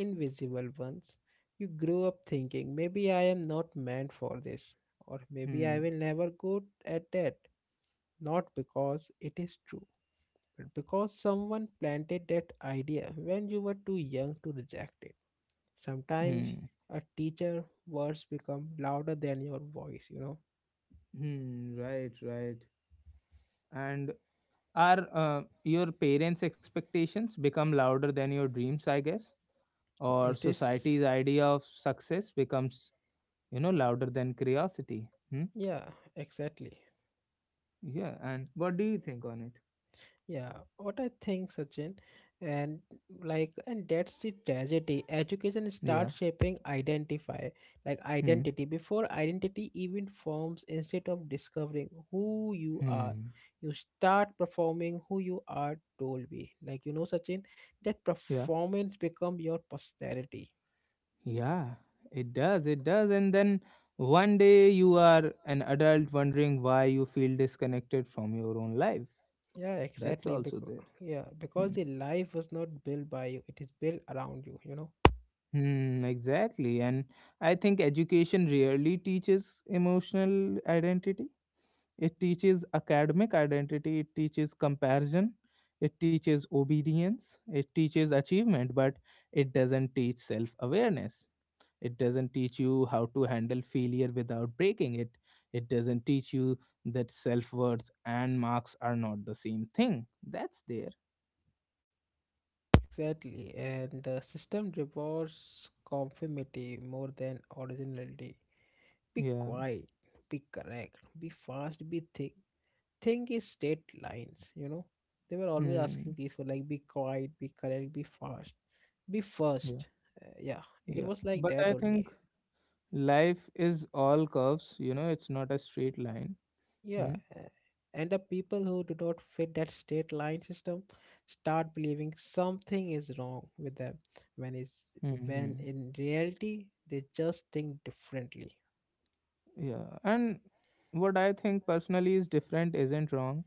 Speaker 2: invisible ones. You grow up thinking, maybe I am not meant for this, or maybe I
Speaker 1: Hmm.
Speaker 2: will never go at that. Not because it is true, but because someone planted that idea when you were too young to reject it. Sometimes
Speaker 1: Hmm.
Speaker 2: a teacher words become louder than your voice, you know.
Speaker 1: Hmm. Right. Right. And are uh, your parents' expectations become louder than your dreams? I guess, or
Speaker 2: It is,
Speaker 1: society's idea of success becomes, you know, louder than curiosity. Hmm.
Speaker 2: yeah, exactly.
Speaker 1: Yeah. And what do you think on it?
Speaker 2: Yeah, what I think, Sachin, and like, and that's the tragedy. Education
Speaker 1: Yeah.
Speaker 2: starts shaping identify, like
Speaker 1: Hmm.
Speaker 2: identity, before identity even forms. Instead of discovering who you are,
Speaker 1: Hmm.
Speaker 2: you start performing who you are told be. Like, you know, Sachin, that
Speaker 1: Yeah.
Speaker 2: performance become your posterity.
Speaker 1: Yeah, it does. It does. And then one day you are an adult wondering why you feel disconnected from your own life.
Speaker 2: Yeah,
Speaker 1: That's
Speaker 2: exactly.
Speaker 1: also
Speaker 2: Because,
Speaker 1: there.
Speaker 2: yeah,
Speaker 1: Hmm.
Speaker 2: because the life was not built by you; it is built around you. You know.
Speaker 1: Hmm, exactly. And I think education rarely teaches emotional identity. It teaches academic identity, it teaches comparison, it teaches obedience, it teaches achievement, but it doesn't teach self awareness. It doesn't teach you how to handle failure without breaking it. It doesn't teach you that self-worth and marks are not the same thing. That's there.
Speaker 2: Exactly, and the system rewards conformity more than originality. Be
Speaker 1: Yeah.
Speaker 2: quiet, be correct, be fast, be think. Think is state lines, you know. They were always
Speaker 1: Hmm.
Speaker 2: asking these for, like, be quiet, be correct, be fast, be
Speaker 1: Yeah.
Speaker 2: first. Uh, yeah, it
Speaker 1: Yeah,
Speaker 2: was like
Speaker 1: but I
Speaker 2: that
Speaker 1: think
Speaker 2: only.
Speaker 1: life is all curves, you know it's not a straight line.
Speaker 2: Yeah,
Speaker 1: Hmm.
Speaker 2: a- and the people who do not fit that state line system start believing something is wrong with them, when it's, when
Speaker 1: Hmm.
Speaker 2: in reality, they just think differently.
Speaker 1: Yeah, and what I think personally is different isn't wrong,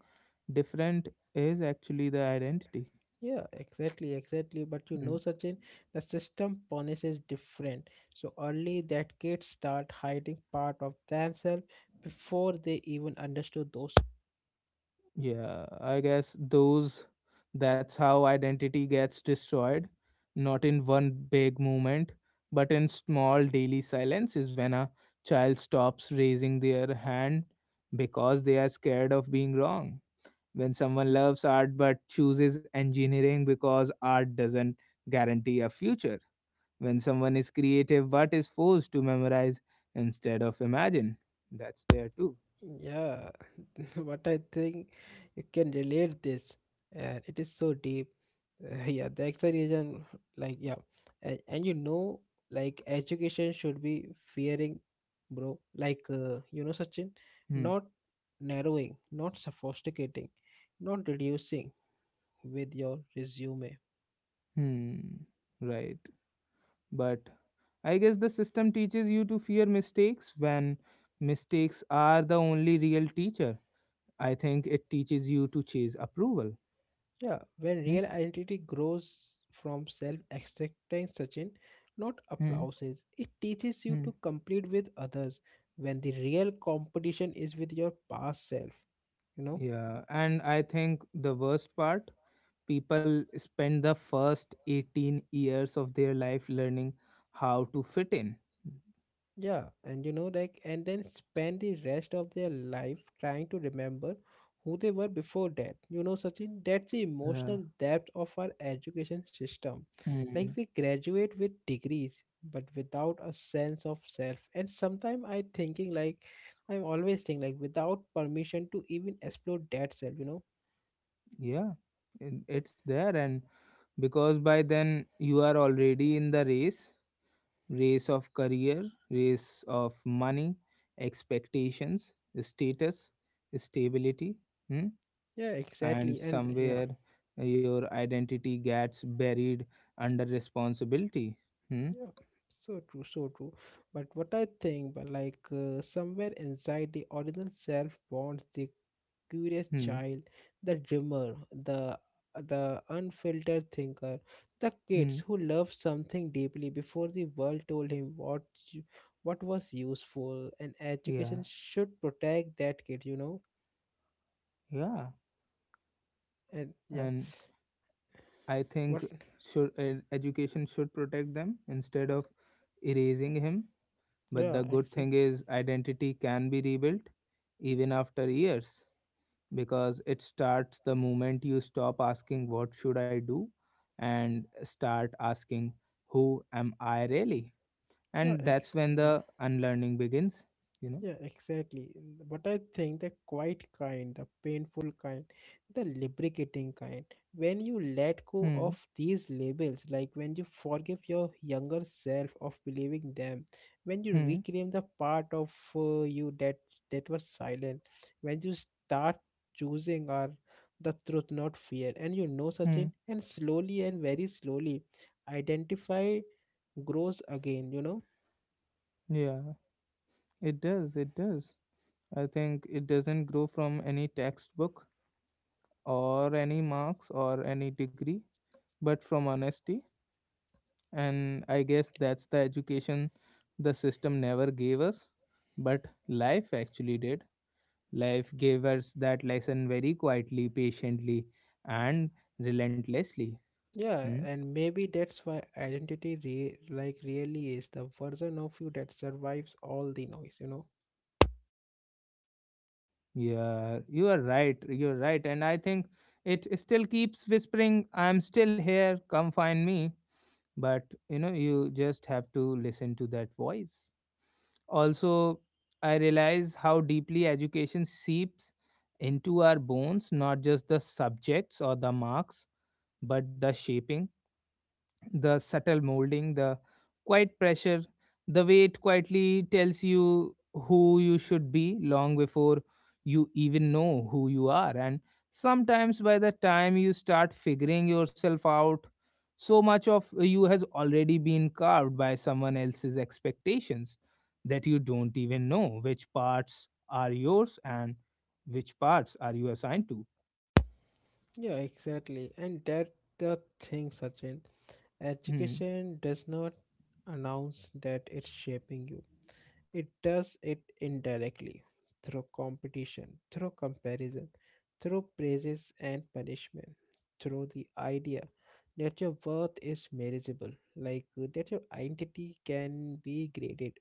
Speaker 1: different is actually the identity.
Speaker 2: Yeah, exactly, exactly. But you
Speaker 1: Hmm.
Speaker 2: know, Sachin, the system punishes different so early that kids start hiding part of themselves before they even understood those.
Speaker 1: Yeah, I guess those that's how identity gets destroyed, not in one big movement, but in small daily silences when a child stops raising their hand because they are scared of being wrong. When someone loves art but chooses engineering because art doesn't guarantee a future. When someone is creative but is forced to memorize instead of imagine. That's there too.
Speaker 2: Yeah, what I think, you can relate this, and it is so deep. Uh, yeah, the explanation, like, yeah, and, and you know, like education should be fearing, bro. Like, uh, you know, Sachin,
Speaker 1: Hmm.
Speaker 2: not narrowing, not sophisticating, not reducing with your resume.
Speaker 1: Hmm. Right. But I guess the system teaches you to fear mistakes when mistakes are the only real teacher. I think it teaches you to chase approval.
Speaker 2: Yeah, when
Speaker 1: Hmm?
Speaker 2: real identity grows from self acceptance, Sachin, not
Speaker 1: Hmm?
Speaker 2: applauses, it teaches you
Speaker 1: Hmm.
Speaker 2: to compete with others when the real competition is with your past self, you know?
Speaker 1: Yeah, and I think the worst part people spend the first eighteen years of their life learning how to fit in.
Speaker 2: Yeah, and you know, like, and then spend the rest of their life trying to remember who they were before death. You know, Sachin, that's the
Speaker 1: Uh,
Speaker 2: emotional depth of our education system. Like,
Speaker 1: hmm.
Speaker 2: we graduate with degrees, but without a sense of self. And sometimes I thinking, like, I'm always thinking, like, without permission to even explore that self. You know?
Speaker 1: Yeah, it- it's there, and because by then you are already in the race, race of career, race of money, expectations, status, stability, hmm?
Speaker 2: Yeah,
Speaker 1: And
Speaker 2: exactly. And yeah.
Speaker 1: somewhere your identity gets buried under responsibility. Hmm?
Speaker 2: Yeah, so true, so true. But what I think, but like uh, somewhere inside the original self bonds the curious
Speaker 1: Hmm.
Speaker 2: child, the dreamer, the the unfiltered thinker, the
Speaker 1: Hmm.
Speaker 2: kids who loved something deeply before the world told him what you- what was useful, and
Speaker 1: Yeah,
Speaker 2: education should protect that kid, you know.
Speaker 1: yeah,
Speaker 2: And yeah,
Speaker 1: and I think
Speaker 2: what?
Speaker 1: should ed- education should protect them instead of erasing him. But the
Speaker 2: Yeah,
Speaker 1: good
Speaker 2: exactly.
Speaker 1: thing is identity can be rebuilt even after years. Because it starts the moment you stop asking, what should I do, and start asking, who am I really?
Speaker 2: Yeah,
Speaker 1: And that's when
Speaker 2: exactly,
Speaker 1: the
Speaker 2: yeah.
Speaker 1: unlearning begins you know
Speaker 2: Yeah, exactly. But I think the quiet kind, the painful kind, the lubricating kind, when you let go
Speaker 1: hmm.
Speaker 2: of these labels, like when you forgive your younger self of believing them, when you
Speaker 1: Hmm.
Speaker 2: reclaim the part of uh, you that that was silent, when you start choosing our the truth, not fear, and you know,
Speaker 1: Hmm.
Speaker 2: Sachin, and slowly and very slowly, identify grows again. You know.
Speaker 1: Yeah, it does, it does. I think it doesn't grow from any textbook or any marks or any degree, but from honesty, and I guess that's the education the system never gave us, but life actually did. Life gave us that lesson very quietly, patiently, and relentlessly. Hmm?
Speaker 2: Yeah, and maybe that's why identity re- like really is the version of you that survives all the noise, you know?
Speaker 1: Yeah, you are right. You're right. And I think it still keeps whispering, I'm still here, come find me. But you know, you just have to listen to that voice. Also, I realize how deeply education seeps into our bones, not just the subjects or the marks, but the shaping, the subtle molding, the quiet pressure, the way it quietly tells you who you should be long before you even know who you are. And sometimes by the time you start figuring yourself out, so much of you has already been carved by someone else's expectations that you don't even know which parts are yours and which parts are you assigned to.
Speaker 2: Yeah, exactly. And that the thing, Sachin.
Speaker 1: Hmm.
Speaker 2: Education does not announce that it's shaping you. It does it indirectly through competition, through comparison, through praises and punishment, through the idea that your worth is measurable, like uh, that your identity can be graded,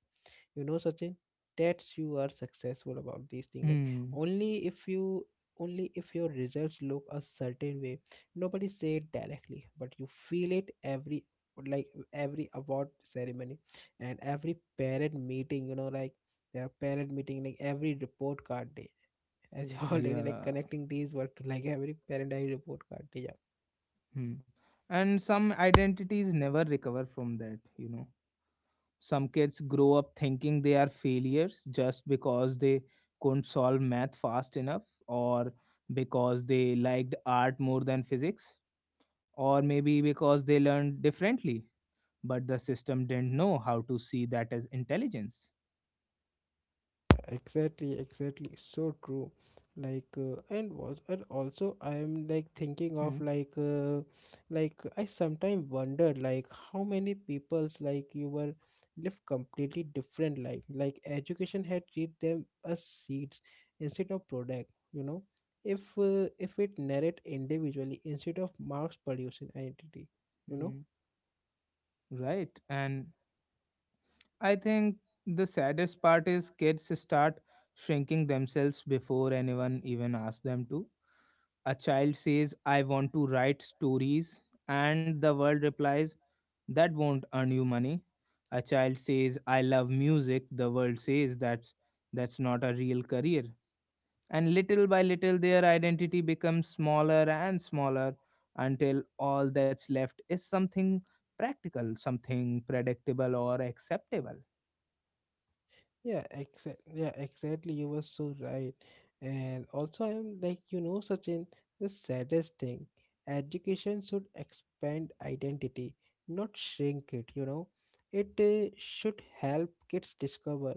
Speaker 2: you know, Sachin. That's you are successful about these things, like
Speaker 1: Hmm.
Speaker 2: only if you only if your results look a certain way. Nobody say it directly, but you feel it every, like, every award ceremony and every parent meeting, you know, like their parent meeting, like every report card day, as you already like
Speaker 1: Yeah.
Speaker 2: connecting these work to like every parent day, report card day. Yeah.
Speaker 1: Hmm. And some identities never recover from that, you know. Some kids grow up thinking they are failures just because they couldn't solve math fast enough, or because they liked art more than physics, or maybe because they learned differently, but the system didn't know how to see that as intelligence.
Speaker 2: Exactly, exactly. So true. Like, uh, and was, and also, I am like thinking of
Speaker 1: Hmm.
Speaker 2: like, uh, like I sometimes wonder, like, how many people's like you were live completely different life. Like education had treat them as seeds instead of product. You know, if uh, if it narrate individually instead of mass producing identity. You know.
Speaker 1: Hmm. Right. And I think the saddest part is kids start shrinking themselves before anyone even asks them to. A child says, I want to write stories, and the world replies, that won't earn you money. A child says, I love music, the world says that's that's not a real career. And little by little their identity becomes smaller and smaller until all that's left is something practical, something predictable or acceptable.
Speaker 2: Yeah, exact. Yeah, exactly. You were so right. And also, I'm like, you know, Sachin, the saddest thing, education should expand identity, not shrink it, you know. It uh, should help kids discover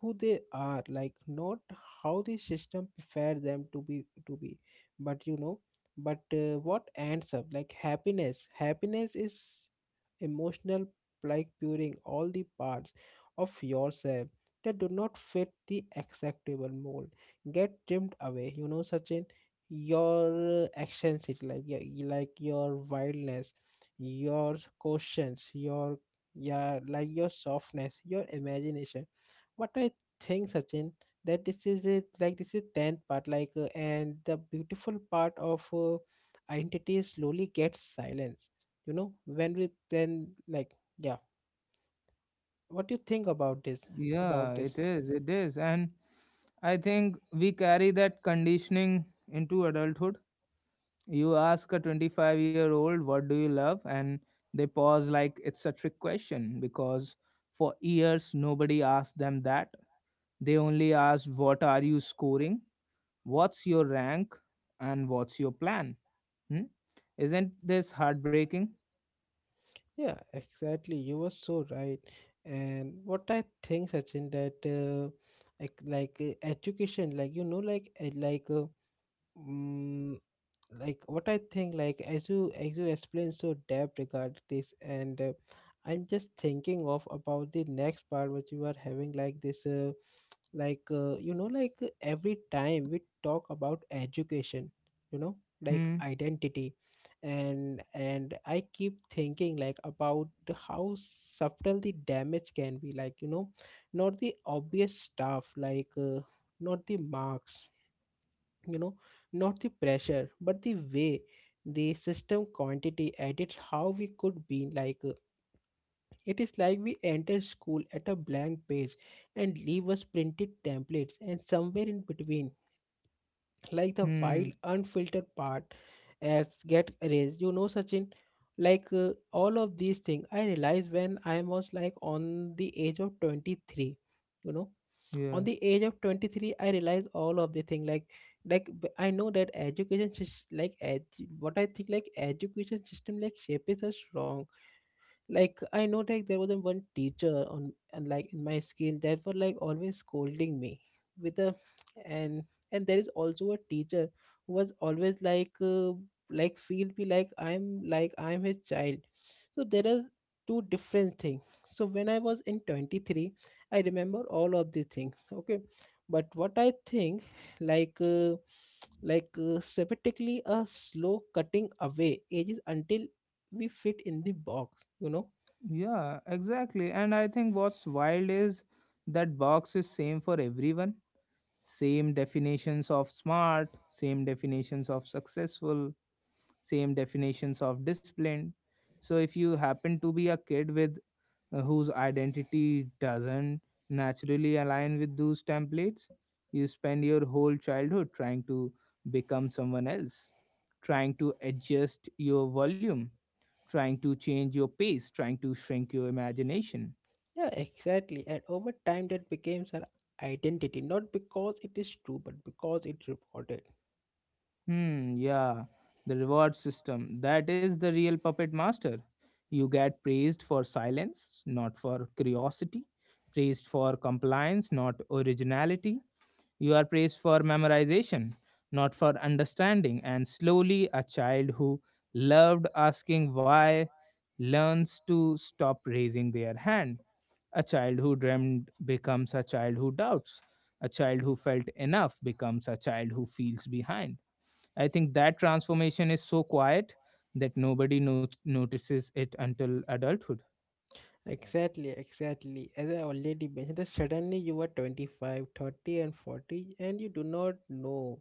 Speaker 2: who they are, like not how the system prepare them to be to be, but you know, but uh, what ends up like happiness. Happiness is emotional, like puring all the parts of yourself that do not fit the acceptable mold get trimmed away, you know, such in your uh, actions, it like your, like your wildness, your questions, your, yeah, like your softness, your imagination. What I think, Sachin, that this is it, like this is tenth part, like uh, and the beautiful part of uh, identity slowly gets silence, you know, when we when like, yeah, what do you think about this about
Speaker 1: Yeah,
Speaker 2: this
Speaker 1: it is. It is. And I think we carry that conditioning into adulthood. You ask a twenty-five year old, what do you love? And they pause like it's a trick question because for years nobody asked them that. They only asked, what are you scoring? What's your rank? And what's your plan? Hmm? Isn't this heartbreaking?
Speaker 2: Yeah, exactly. You were so right. And what I think, Sachin, that uh, like like uh, education, like you know, like uh, like uh, mm, like what I think, like as you as you explain so depth regard this, and uh, I'm just thinking of about the next part which you are having, like this. Uh, like uh, you know, like uh, every time we talk about education, you know, like
Speaker 1: Hmm.
Speaker 2: identity. And and I keep thinking like about how subtle the damage can be, like, you know, not the obvious stuff, like uh, not the marks, you know, not the pressure, but the way the system quantity edits how we could be, like uh, it is like we enter school at a blank page and leave us printed templates, and somewhere in between, like the wild,
Speaker 1: Hmm.
Speaker 2: unfiltered part, as get erased. You know, Sachin, like uh, all of these things, I realized when I was like on the age of twenty-three, you know,
Speaker 1: Yeah.
Speaker 2: on the age of twenty-three I realized all of the thing, like like b- I know that education sys- like edu- what I think, like, education system like shape is us wrong. Like, I know, like there was a one teacher on, and like in my school, that were like always scolding me with a, and and there is also a teacher who was always like uh, like feel me like i'm like i'm his child. So there are two different things. So when I was in twenty-three, I remember all of the things. Okay, but what I think, like uh, like uh, semantically a slow cutting away ages until we fit in the box, you know.
Speaker 1: Yeah, exactly. And I think what's wild is that box is same for everyone. Same definitions of smart, same definitions of successful, same definitions of disciplined. So if you happen to be a kid with uh, whose identity doesn't naturally align with those templates. You spend your whole childhood trying to become someone else, trying to adjust your volume, trying to change your pace, trying to shrink your imagination.
Speaker 2: Yeah, exactly. And over time, that becomes our identity, not because it is true, but because it rewarded.
Speaker 1: Hmm, yeah, the reward system. That is the real puppet master. You get praised for silence, not for curiosity, praised for compliance, not originality. You are praised for memorization, not for understanding. And slowly, a child who loved asking why learns to stop raising their hand. A child who dreamed becomes a child who doubts. A child who felt enough becomes a child who feels behind. I think that transformation is so quiet that nobody not- notices it until adulthood.
Speaker 2: Exactly, exactly. As I already mentioned, that suddenly you are twenty-five, thirty, and forty, and you do not know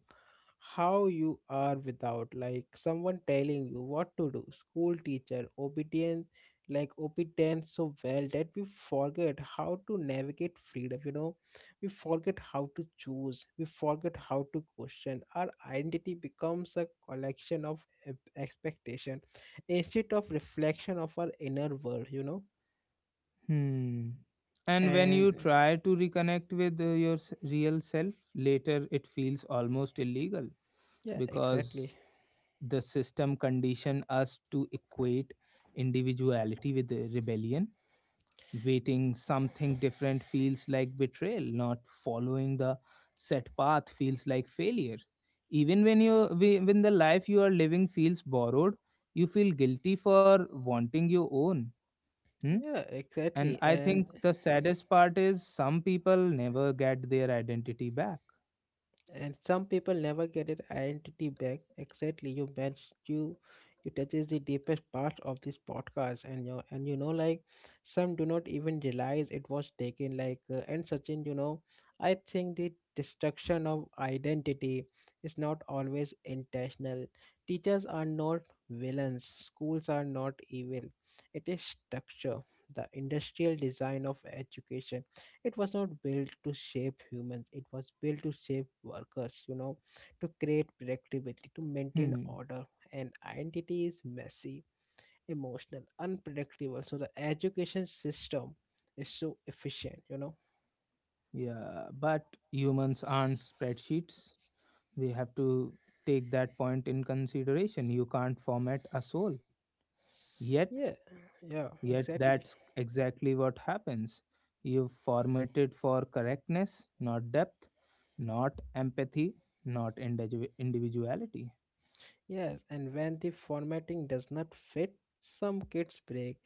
Speaker 2: how you are without like someone telling you what to do. School teacher, obedience, like obedience so well that we forget how to navigate freedom, you know, we forget how to choose, we forget how to question. Our identity becomes a collection of e- expectation instead of reflection of our inner world, you know.
Speaker 1: Hmm. And when you
Speaker 2: And,
Speaker 1: try to reconnect with uh, your s- real self later, it feels almost illegal
Speaker 2: yeah, exactly.
Speaker 1: because the system condition us to equate individuality with the rebellion. Waiting something different feels like betrayal. Not following the set path feels like failure. Even when you we- when the life you are living feels borrowed, you feel guilty for wanting your own. Hmm?
Speaker 2: Yeah,
Speaker 1: And
Speaker 2: exactly.
Speaker 1: I
Speaker 2: and
Speaker 1: think the saddest part is some people never get their identity back.
Speaker 2: and some people never get their identity back. Exactly, you mentioned, you you touches the deepest part of this podcast. And you, and you know, like, some do not even realize it was taken, like uh, and Sachin, you know, I think the destruction of identity is not always intentional. Teachers are not villains, schools are not evil. It is structure, the industrial design of education. It was not built to shape humans, it was built to shape workers, you know, to create predictability, to maintain
Speaker 1: Hmm.
Speaker 2: order. And identity is messy, emotional, unpredictable, so the education system is so efficient, you know.
Speaker 1: Yeah, but humans aren't spreadsheets. We have to take that point in consideration. You can't format a soul. Yet,
Speaker 2: Yeah, yeah,
Speaker 1: yet
Speaker 2: exactly.
Speaker 1: that's exactly what happens. You've formatted for correctness, not depth, not empathy, not individu- individuality.
Speaker 2: Yes, and when the formatting does not fit, some kids break.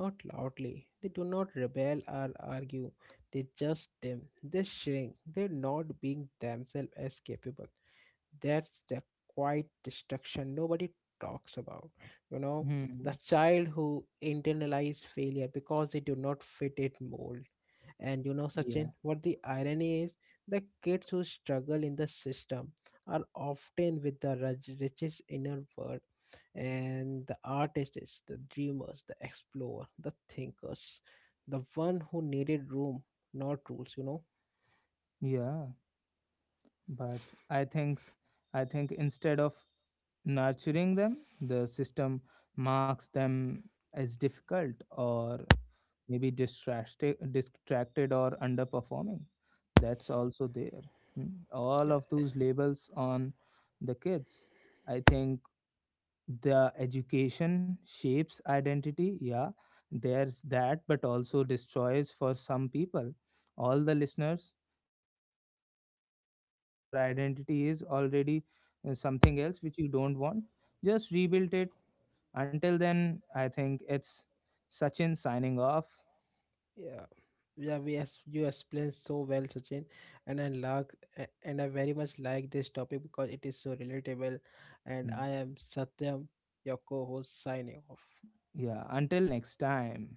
Speaker 2: Not loudly, they do not rebel or argue, they just dim, they shrink, they're not being themselves as capable. That's the quiet destruction nobody talks about, you know, the
Speaker 1: Hmm.
Speaker 2: child who internalized failure because they do not fit it mold. And you know,
Speaker 1: Yeah.
Speaker 2: Sachin, what the irony is, the kids who struggle in the system are often with the rich- richest inner world, and the artists, the dreamers, the explorer, the thinkers, the one who needed room, not rules, you know.
Speaker 1: Yeah. But I think s- I think instead of nurturing them. The system marks them as difficult or maybe distracted, distracted or underperforming. That's also there. Hmm. All of those labels on the kids, I think the education shapes identity, yeah, there's that, but also destroys for some people. All the listeners, just be who you are. If your identity is already uh, something else which you don't want, just rebuild it. Until then, I think it's Sachin signing off.
Speaker 2: Yeah, yeah, we as you explained so well, Sachin, and I like, a- and I very much like this topic because it is so relatable. And
Speaker 1: Hmm.
Speaker 2: I am Satyam, your co-host, signing off.
Speaker 1: Yeah, until next time.